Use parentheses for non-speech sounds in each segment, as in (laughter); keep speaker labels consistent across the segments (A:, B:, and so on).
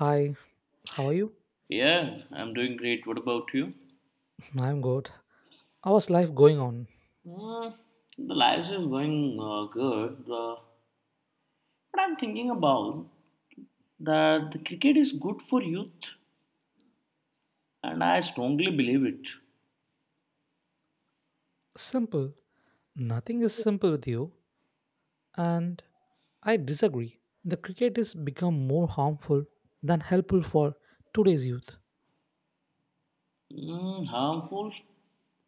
A: Hi, how are you?
B: Yeah, I'm doing great. What about you?
A: (laughs) I'm good. How's life going on?
B: Mm, the lives is going good. But I'm thinking about that the cricket is good for youth, and I strongly believe it.
A: Simple. Nothing is simple with you, and I disagree. The cricket has become more harmful than helpful for today's youth.
B: Harmful?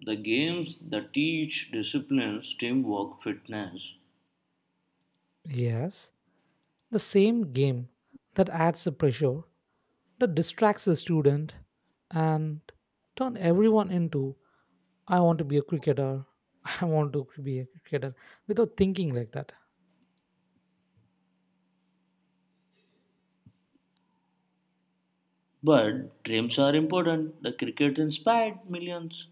B: The games that teach disciplines, teamwork, fitness.
A: Yes, the same game that adds the pressure, that distracts the student, and turn everyone into I want to be a cricketer, (laughs) I want to be a cricketer without thinking like that.
B: But dreams are important. The cricket inspired millions.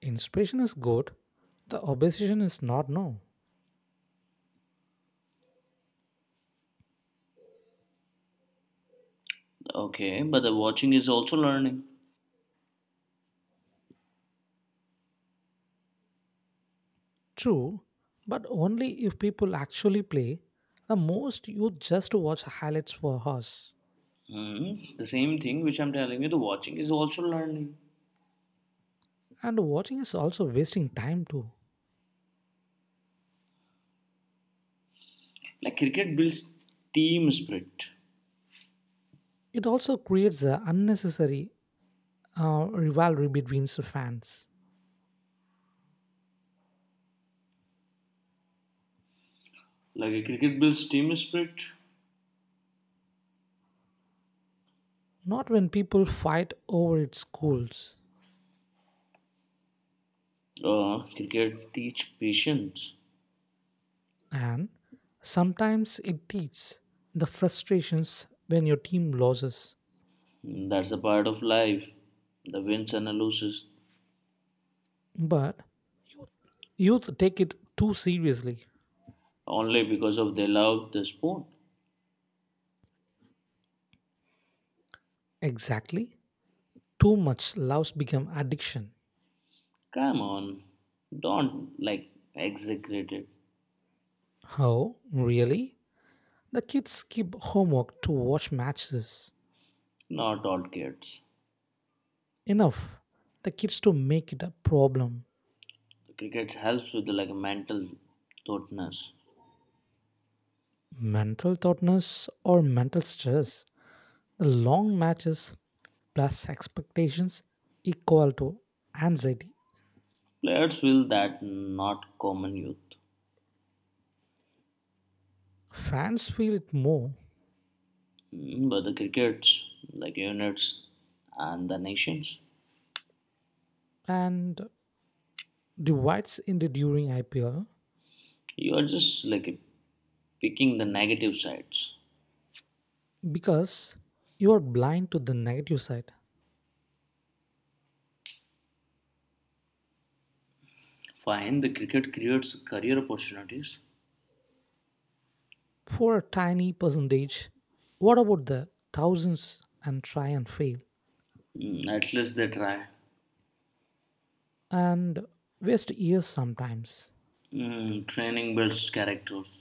A: Inspiration is good. The obsession is not no.
B: Okay, but the watching is also learning.
A: True, but only if people actually play. The most you just watch highlights for us.
B: Hmm, the same thing which I'm telling you, the watching is also learning.
A: And watching is also wasting time too.
B: Like cricket builds team spirit.
A: It also creates a unnecessary rivalry between the fans.
B: Like cricket builds team spirit.
A: Not when people fight over its goals.
B: Cricket teach patience.
A: And sometimes it teaches the frustrations when your team loses.
B: That's a part of life. The wins and the losses.
A: But you youth take it too seriously.
B: Only because of they love the sport.
A: Exactly. Too much love's become addiction.
B: Come on, don't like execrate it.
A: Oh, really? The kids skip homework to watch matches.
B: Not all kids.
A: Enough. The kids to make it a problem.
B: Cricket helps with like mental thoughtness.
A: Mental thoughtness or mental stress. The long matches plus expectations equal to anxiety.
B: Players feel that not common youth.
A: Fans feel it more
B: But the crickets like units and the nations.
A: and divides in the during IPL
B: You are just like picking the negative sides.
A: because you are blind to the negative side.
B: Fine, the cricket creates career opportunities.
A: For a tiny percentage. What about the thousands and try and fail
B: At least they try.
A: and waste years sometimes?
B: Training builds characters.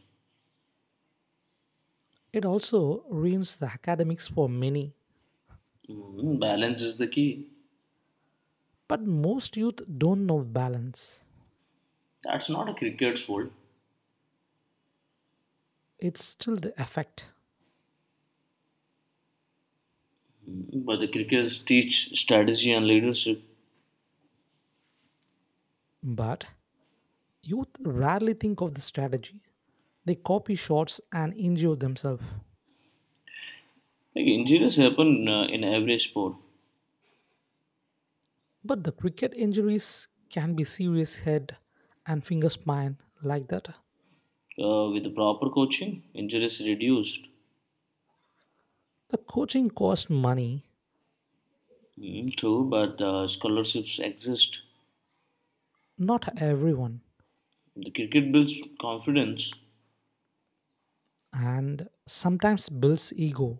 A: It also ruins the academics for many,
B: Balance is the key.
A: but most youth don't know balance.
B: That's not a cricket's fault.
A: It's still the effect,
B: But the cricketers teach strategy and leadership.
A: but youth rarely think of the strategy. They copy shots and injure themselves.
B: Like injuries happen in every sport.
A: But the cricket injuries can be serious head and finger spine like that.
B: With the proper coaching, injuries reduced.
A: The coaching costs money,
B: True, but scholarships exist.
A: not everyone.
B: The cricket builds confidence.
A: And sometimes builds ego.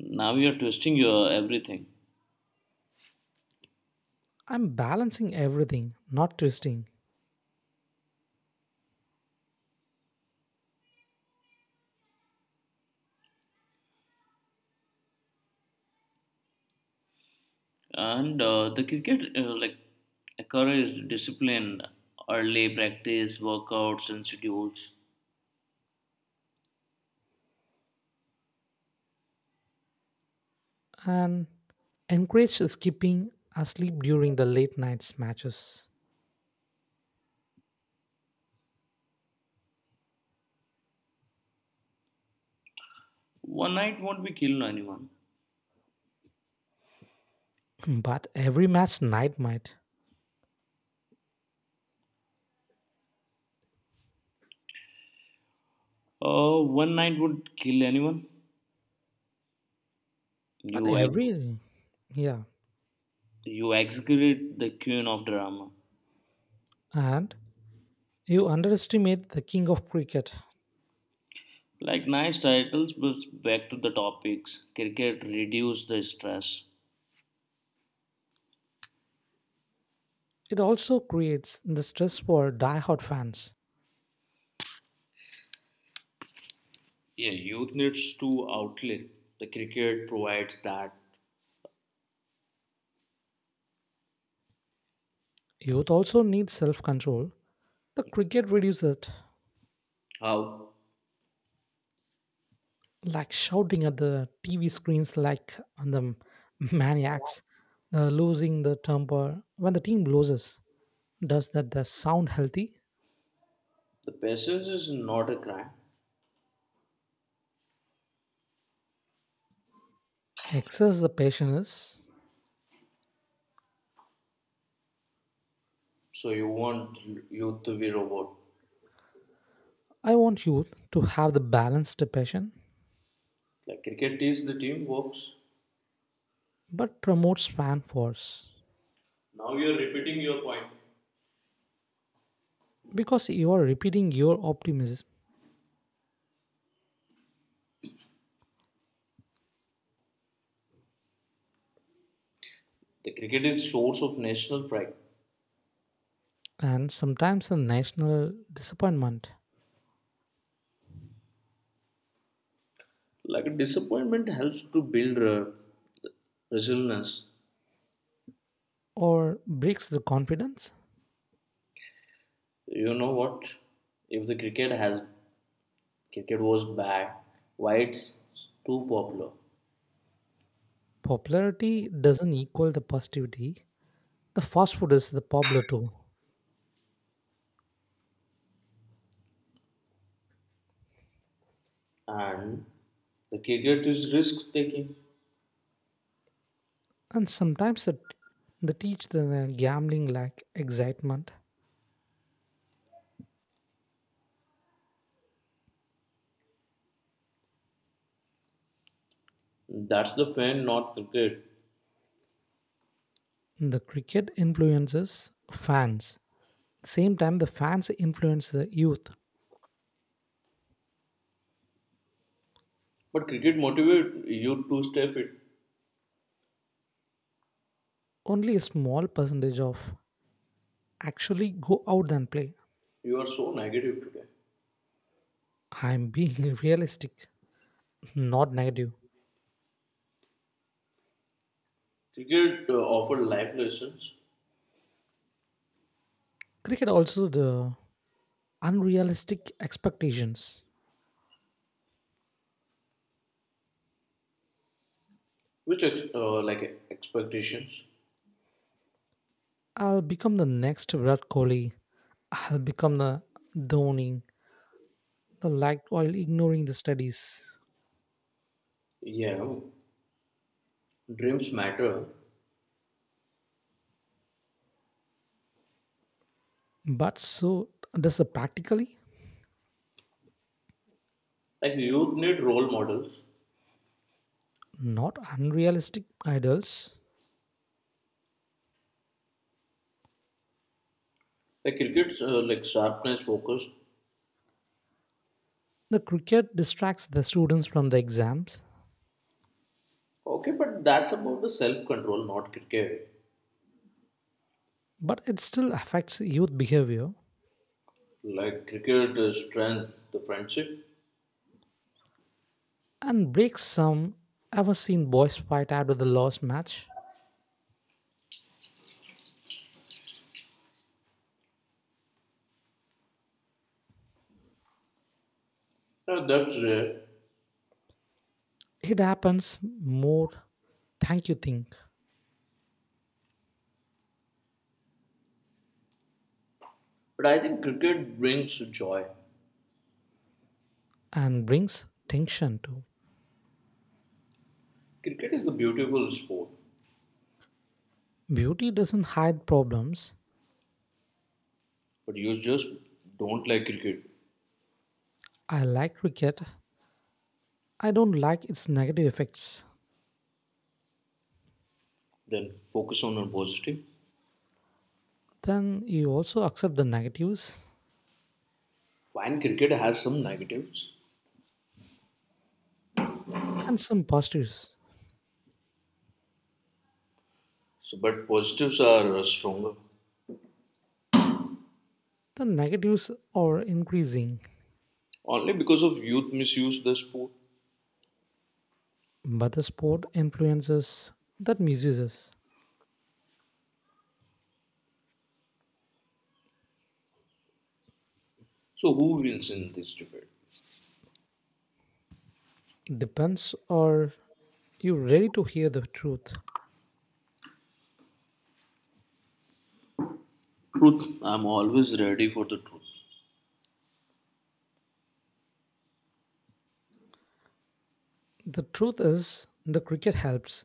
B: Now you're twisting your everything.
A: I'm balancing everything, not twisting,
B: And the cricket, like, encourages discipline, early practice, workouts, and schedules.
A: and encourage skipping asleep during the late nights matches.
B: One night won't be kill anyone.
A: But every match night might.
B: One night would kill anyone.
A: But
B: You ex-
A: every Yeah.
B: you execrate the queen of drama.
A: And you underestimate the king of cricket.
B: Like nice titles, but back to the topics. Cricket reduce the stress.
A: It also creates the stress for die-hard fans.
B: Yeah, youth needs to outlet. The cricket provides that.
A: Youth also needs self-control. The cricket reduces it.
B: How?
A: Like shouting at the TV screens like on the maniacs, the losing the temper. When the team loses, does that the sound healthy?
B: The patience is not a crime.
A: Excess the passion is.
B: So you want youth to be robot.
A: I want youth to have the balanced passion,
B: Like cricket is the team works.
A: but promotes fan force
B: Now you are repeating your point.
A: because you are repeating your optimism
B: The cricket is source of national pride.
A: and sometimes the national disappointment
B: Like disappointment helps to build resilience.
A: or breaks the confidence.
B: You know what? If the cricket has Cricket was bad, why it's too popular?
A: Popularity doesn't equal the positivity. The fast food is the popular too.
B: And the cricket is risk taking.
A: And sometimes they teach the gambling lack excitement.
B: That's the fan, not cricket.
A: The cricket influences fans. Same time, the fans influence the youth.
B: But cricket motivate you to stay fit.
A: Only a small percentage of actually go out and play.
B: You are so negative today.
A: I'm being (laughs) realistic, not negative.
B: Cricket offered life lessons,
A: Cricket also the unrealistic expectations.
B: like expectations.
A: I'll become the next Virat Kohli. I'll become the Dhoni. The like while ignoring the studies.
B: Yeah, dreams matter.
A: But so does the practically.
B: Like youth need role models.
A: Not unrealistic idols.
B: Like cricket, like sharpness, focus.
A: The cricket distracts the students from the exams,
B: Okay, but that's about the self control, not cricket.
A: but it still affects youth behavior
B: Like cricket, strength, the friendship.
A: and breaks some. Ever seen boys fight after the last match?
B: That's rare.
A: It happens more thank you think
B: But I think cricket brings joy.
A: and brings tension too.
B: Cricket is a beautiful sport.
A: Beauty doesn't hide problems.
B: But you just don't like cricket,
A: I like cricket. I don't like its negative effects.
B: then focus on a positive.
A: Then you also accept the negatives
B: Fine, cricket has some negatives.
A: and some positives.
B: So, but positives are stronger
A: The negatives are increasing.
B: only because of youth misuse the sport.
A: But the sport influences that misuses
B: So, who wins in this debate?
A: depends or you ready to hear the truth.
B: Truth. I'm always ready for the truth,
A: The truth is the cricket helps,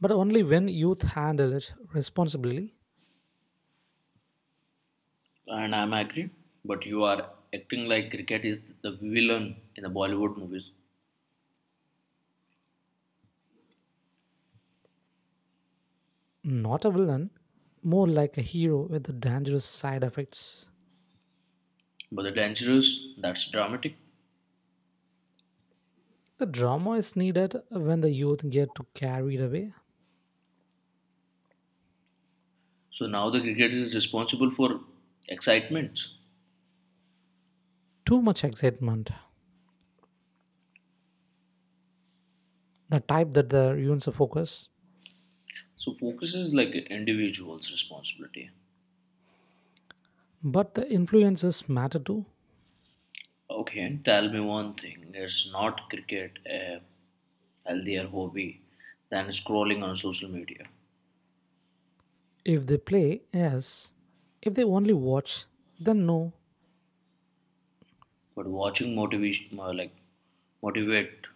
A: but only when youth handle it responsibly.
B: and I'm agree. But you are acting like cricket is the villain in the Bollywood movies.
A: Not a villain, more like a hero with the dangerous side effects.
B: But the dangerous, that's dramatic.
A: The drama is needed when the youth get too carried away.
B: So now the cricket is responsible for excitements.
A: Too much excitement, the type that the ruins the focus.
B: So focus is like individual's responsibility.
A: But the influences matter too.
B: Okay, and tell me one thing. Is not cricket a healthier hobby than scrolling on social media?
A: If they play, yes. If they only watch, then no.
B: But watching motivation, like motivate,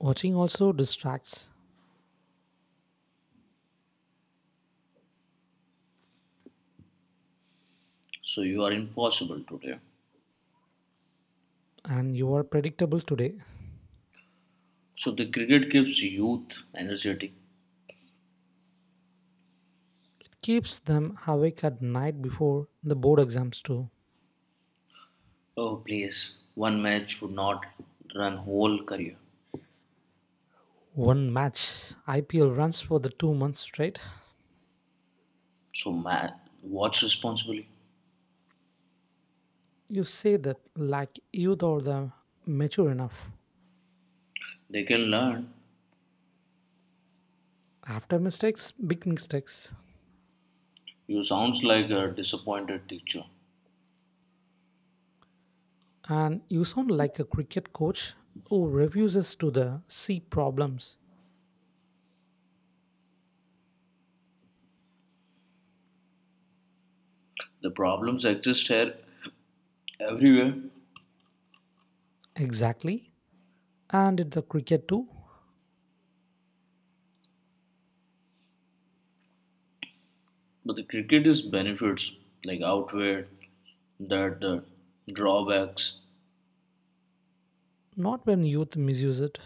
A: Watching also distracts,
B: so you are impossible today.
A: and you are predictable today.
B: So the cricket keeps youth energetic.
A: It keeps them awake at night before the board exams, too.
B: Oh, please, one match would not run whole career.
A: One match IPL runs for the 2 months straight.
B: So ma- Watch responsibly.
A: You say that like you or the mature enough.
B: They can learn.
A: After mistakes, big mistakes.
B: You sounds like a disappointed teacher.
A: And you sound like a cricket coach who refuses to the see problems.
B: The problems exist here everywhere.
A: Exactly. And it's the cricket too.
B: But the cricket is benefits like outweigh that drawbacks.
A: Not when youth misuse it.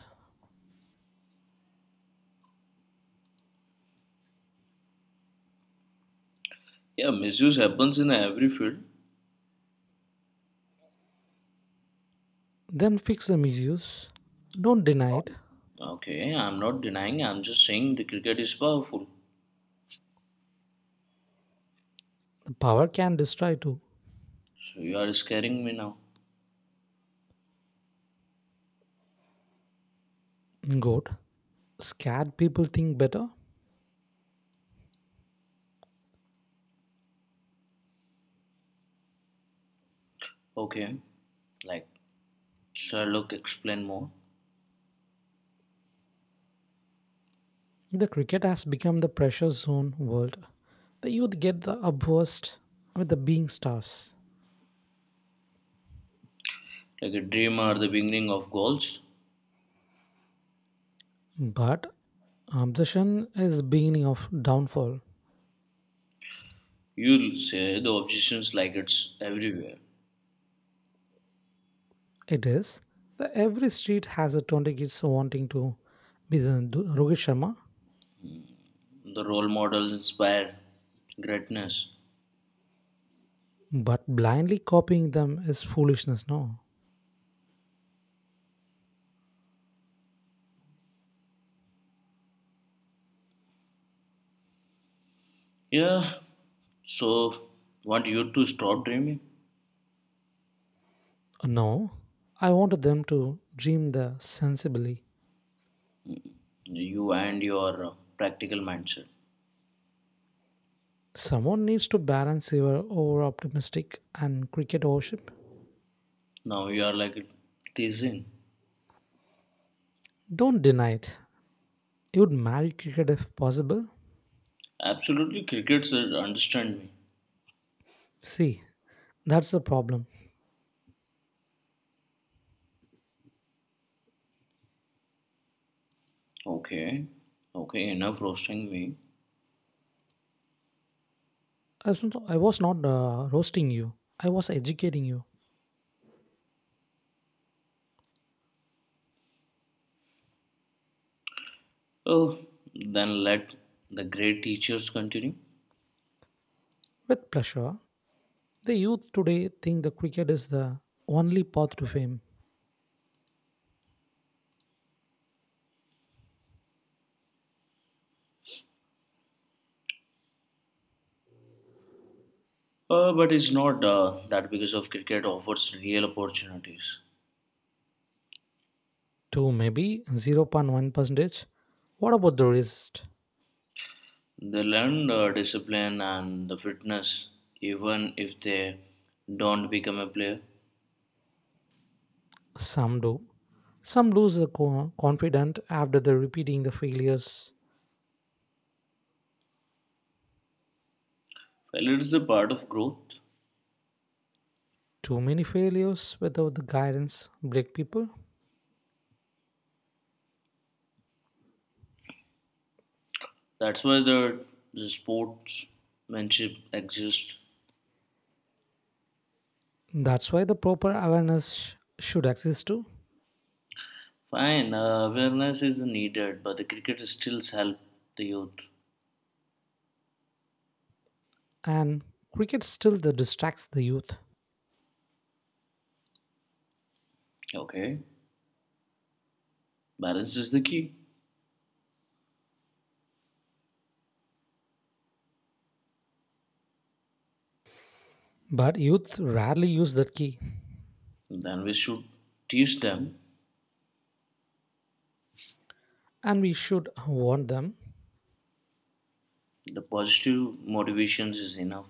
B: Yeah, misuse happens in every field.
A: Then fix the misuse. Don't deny it.
B: Okay, I'm not denying. I'm just saying the cricket is powerful.
A: The power can destroy too.
B: So you are scaring me now.
A: Goat. Scared people think better.
B: Okay, like Sherlock, explain more.
A: The cricket has become the pressure zone world. The youth get the upburst with the being stars.
B: Like a dream are the beginning of goals.
A: But obsession is the beginning of downfall.
B: You'll say the obsessions like it's everywhere.
A: It is that every street has a 20 kids wanting to be the Rohit Sharma,
B: The role model inspire greatness.
A: but blindly copying them is foolishness. No,
B: Yeah. So want you to stop dreaming?
A: no, I want them to dream the sensibly.
B: You and your practical mindset.
A: Someone needs to balance your over optimistic and cricket worship.
B: Now you are like teasing.
A: Don't deny it. You'd marry cricket if possible.
B: Absolutely, cricket said, understand me.
A: See, that's the problem.
B: Okay, okay, enough roasting me.
A: I was not roasting you, I was educating you.
B: Oh, then let the great teachers continue.
A: With pleasure, the youth today think the cricket is the only path to fame.
B: But it's not that because of cricket offers real opportunities.
A: To maybe zero point 0.1 percentage. What about the rest?
B: They learn discipline and the fitness even if they don't become a player.
A: Some do. Some lose the confidence after the repeating the failures.
B: Failure is a part of growth.
A: Too many failures without the guidance break people.
B: That's why the, the sportsmanship exists.
A: That's why the proper awareness should exist too.
B: Fine, awareness is needed, but the cricket still help the youth.
A: And cricket still the distracts the youth.
B: Okay, balance is the key.
A: But youth rarely use that key.
B: Then we should teach them
A: And we should warn them.
B: the positive motivations is enough.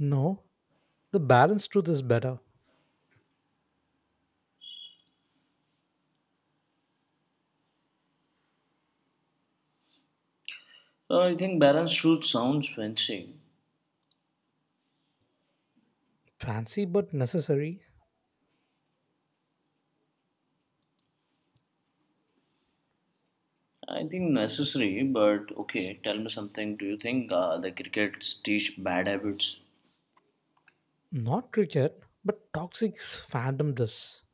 A: No, the balance truth is better.
B: So I think balance truth sounds fancy.
A: Fancy but necessary.
B: I think necessary, but okay. Tell me something. Do you think the crickets teach bad habits?
A: Not cricket, but toxic fandom does.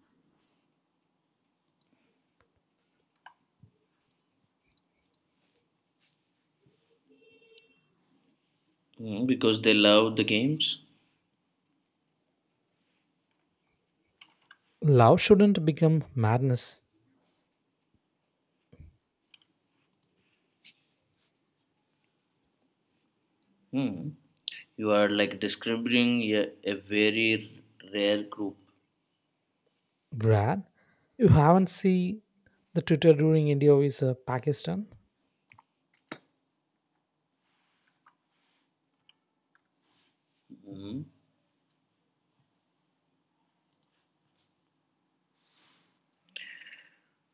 B: Hmm, because they love the games.
A: Love shouldn't become madness.
B: Hmm. You are like describing a very rare group.
A: Brad, you haven't seen the Twitter during India is Pakistan?
B: Hmm.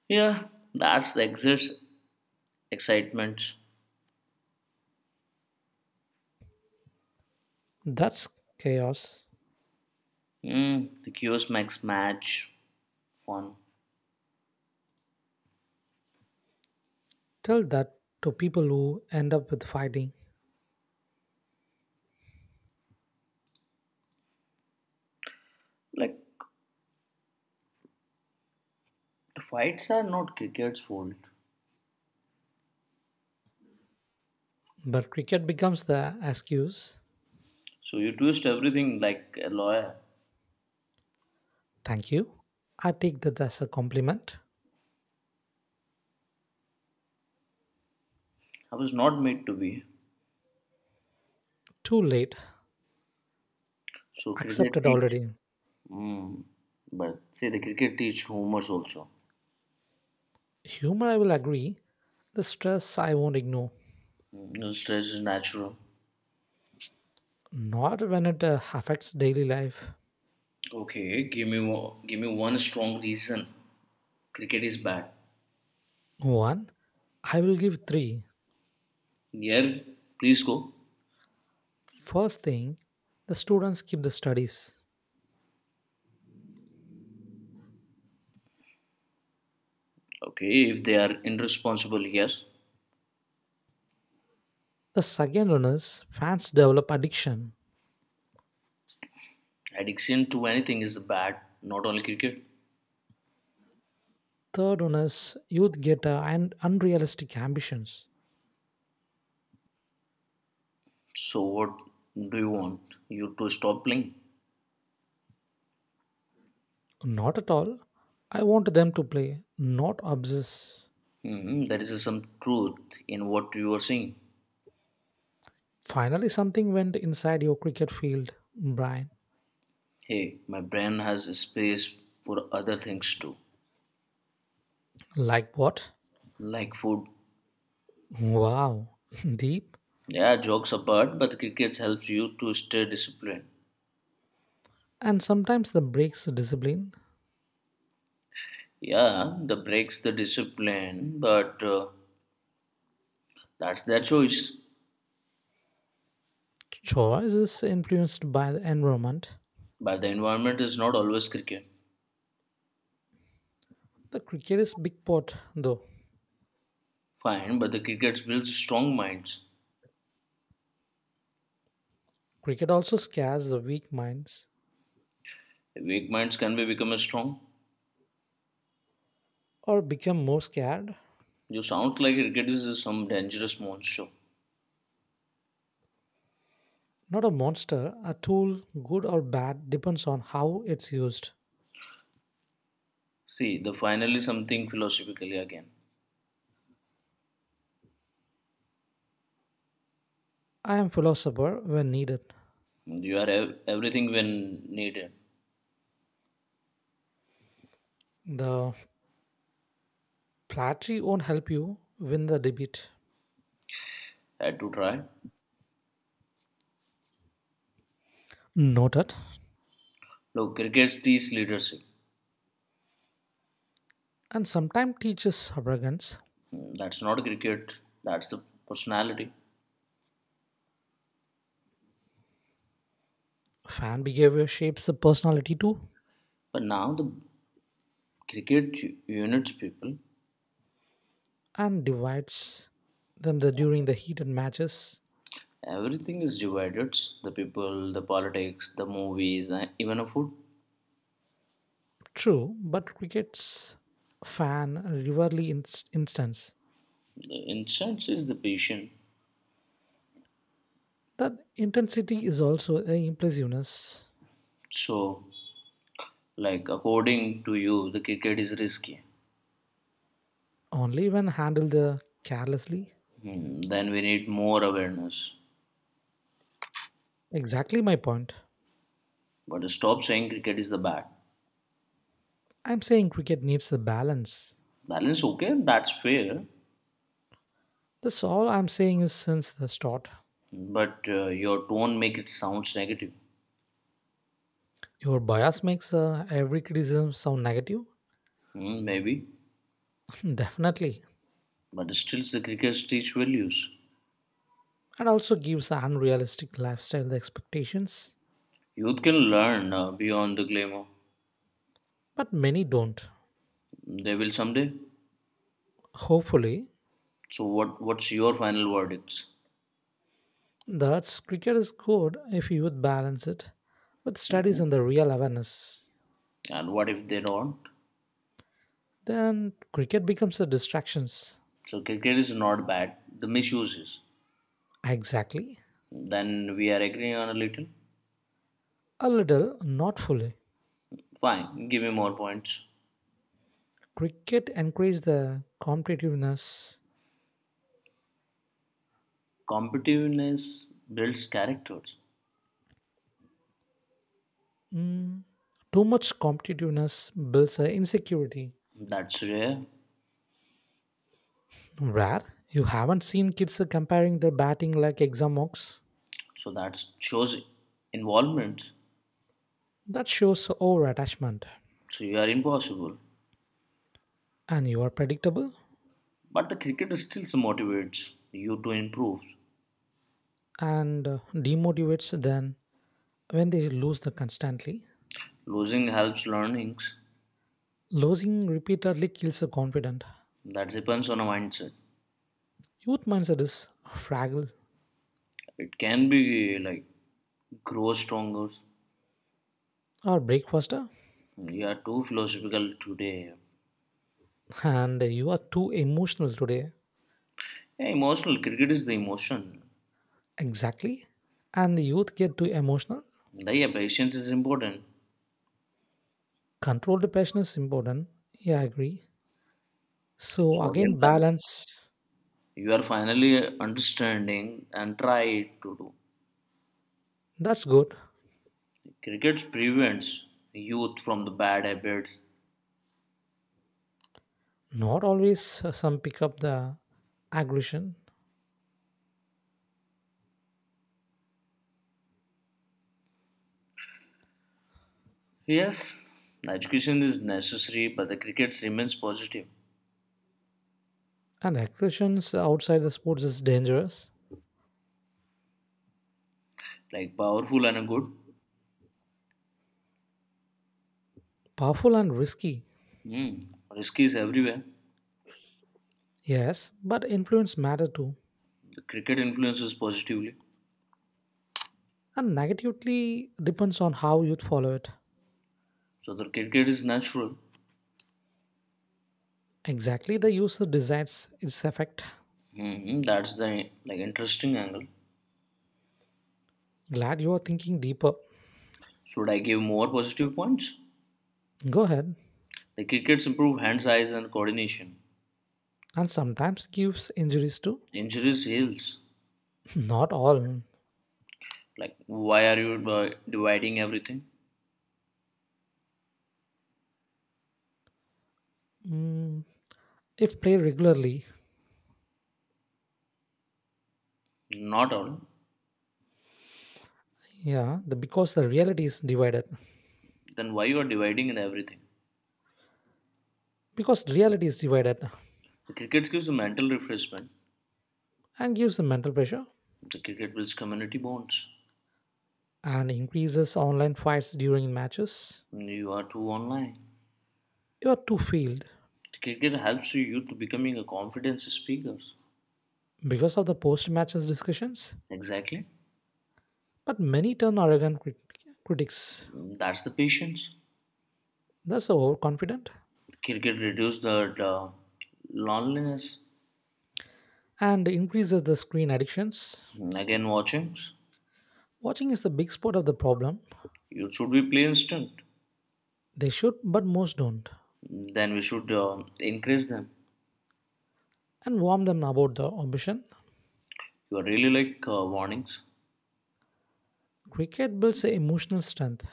B: Yeah, that's the exist excitement.
A: That's chaos.
B: Hmm. The chaos makes match fun.
A: Tell that to people who end up with fighting.
B: Like the fights are not cricket's fault.
A: But cricket becomes the excuse.
B: So you twist everything like a lawyer.
A: Thank you. I take that as a compliment.
B: I was not made to be.
A: Too late.
B: So cricket
A: Accepted
B: teach.
A: already.
B: Hmm. But see, the cricket teach humors also.
A: Humor, I will agree. The stress, I won't ignore.
B: Hmm. No stress is natural.
A: Not when it affects daily life.
B: Okay, give me one strong reason. Cricket is bad.
A: One, I will give three.
B: Yeah, please go.
A: First thing, the students keep the studies.
B: Okay, if they are irresponsible, yes.
A: The second one is fans develop addiction.
B: Addiction to anything is bad, not only cricket.
A: Third one is youth get unrealistic ambitions.
B: So, what do you want? You to stop playing?
A: Not at all. I want them to play, not obsess.
B: Hmm, there is some truth in what you are saying.
A: Finally, something went inside your cricket field, Brian.
B: Hey, my brain has space for other things too,
A: Like what?
B: like food.
A: Wow, (laughs) deep.
B: Yeah, jokes apart, but cricket helps you to stay disciplined.
A: And sometimes the breaks the discipline.
B: Yeah, the breaks the discipline, but that's their choice.
A: Choice is influenced by the environment.
B: But the environment is not always cricket.
A: The cricket is big pot though.
B: Fine, but the cricket builds strong minds.
A: Cricket also scares the weak minds
B: Weak minds can be become strong.
A: or become more scared.
B: You sound like cricket is some dangerous monster.
A: Not a monster, a tool, good or bad, depends on how it's used.
B: See, the final is something philosophically again.
A: I am philosopher when needed.
B: You are ev- everything when needed.
A: The flattery won't help you win the debate.
B: Had to try.
A: Noted.
B: Look, cricket teaches leadership.
A: And sometimes teaches arrogance.
B: That's not cricket. That's the personality.
A: Fan behavior shapes the personality too
B: But now the units people.
A: and divides them during the heated matches.
B: Everything is divided. The people, the politics, the movies, and even a food.
A: True, but cricket's fan rarely instance.
B: The incense is the patient.
A: That intensity is also a impulsiveness
B: So like, according to you, the cricket is risky.
A: only when handled carelessly.
B: Hmm, then we need more awareness.
A: Exactly my point.
B: But stop saying cricket is the bad.
A: I'm saying cricket needs the balance.
B: Balance, okay, that's fair.
A: That's all I'm saying is since the start.
B: But your tone make it sounds negative.
A: Your bias makes every criticism sound negative?
B: Hmm, maybe.
A: (laughs) Definitely.
B: But still, the crickets teach values.
A: And also gives unrealistic lifestyle expectations.
B: Youth can learn beyond the glamour.
A: But many don't.
B: They will someday.
A: Hopefully,
B: So, what? What's your final verdicts?
A: that's cricket is good if you would balance it with studies and the real awareness.
B: And what if they don't?
A: Then cricket becomes a distractions.
B: So, cricket is not bad. The misuse is.
A: Exactly.
B: Then we are agreeing on a little.
A: A little, not fully.
B: Fine. Give me more points.
A: Cricket encourages the competitiveness.
B: Competitiveness builds characters.
A: Mm, Too much competitiveness builds a insecurity.
B: That's rare.
A: Where you haven't seen kids comparing their batting like exam mocks.
B: So that shows involvement.
A: That shows over attachment.
B: So you are impossible.
A: And you are predictable
B: But the cricket still motivates you to improve.
A: and demotivates them when they lose the constantly.
B: Losing helps learnings.
A: Losing repeatedly kills the confident.
B: That depends on a mindset.
A: Youth mindset is fragile
B: It can be like grow stronger.
A: or break faster.
B: You are too philosophical today.
A: And you are too emotional today.
B: Yeah, emotional cricket is the emotion.
A: Exactly. And the youth get too emotional.
B: The yeah, patience is important.
A: Controlled passion is important. Yeah, I agree. So
B: So again,
A: again, balance.
B: you are finally understanding and try to do.
A: That's good.
B: Cricket prevents youth from the bad habits.
A: Not always some pick up the aggression.
B: Yes, education is necessary, but the cricket remains positive,
A: And the aggressions outside the sports is dangerous,
B: like powerful and good.
A: powerful and risky.
B: Hmm. Risk is everywhere.
A: Yes, but influence matter too.
B: The cricket influences positively,
A: And negatively depends on how youth follow it.
B: so the cricket is natural.
A: Exactly the user decides its effect.
B: Hmm. That's the like interesting angle.
A: Glad you are thinking deeper.
B: Should I give more positive points?
A: Go ahead.
B: The crickets improve hand size and coordination.
A: And sometimes gives injuries too.
B: Injuries heals.
A: (laughs) Not all.
B: Like why are you dividing everything?
A: Mm, if played regularly,
B: Not all.
A: yeah, the because the reality is divided.
B: Then why you are dividing in everything?
A: Because reality is divided
B: The cricket gives a mental refreshment.
A: and gives the mental pressure
B: The cricket builds community bonds.
A: and increases online fights during matches.
B: You are too online.
A: You are too field
B: The cricket helps you youth to becoming a confidence speakers.
A: because of the post matches discussions.
B: Exactly.
A: But many turn arrogant critics.
B: That's the patience.
A: Thus overconfident
B: Cricket reduces the loneliness.
A: and increases the screen addictions.
B: Again, watchings.
A: Watching is the big spot of the problem.
B: You should be play instant.
A: They should, but most don't.
B: Then we should increase them.
A: And warn them about the ambition.
B: You are really like warnings.
A: Cricket builds emotional strength,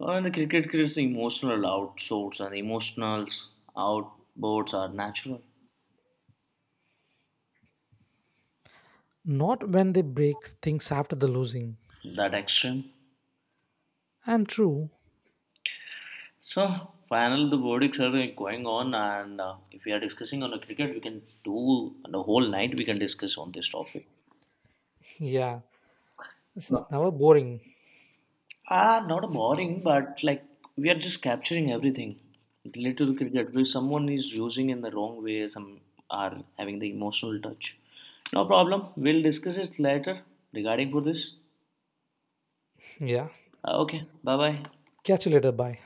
B: And the cricket creates emotional outsource and emotional outboards are natural.
A: not when they break things after the losing.
B: That extreme.
A: And true.
B: So, final the verdicts are going on, and if we are discussing on a cricket, we can do the whole night. We can discuss on this topic.
A: Yeah. This
B: No.
A: is never boring.
B: Ah, not boring, but like we are just capturing everything related to cricket. Where someone is using in the wrong way, some are having the emotional touch. No problem. We'll discuss it later regarding for this.
A: Yeah.
B: Ah, okay. Bye bye.
A: Catch you later. Bye.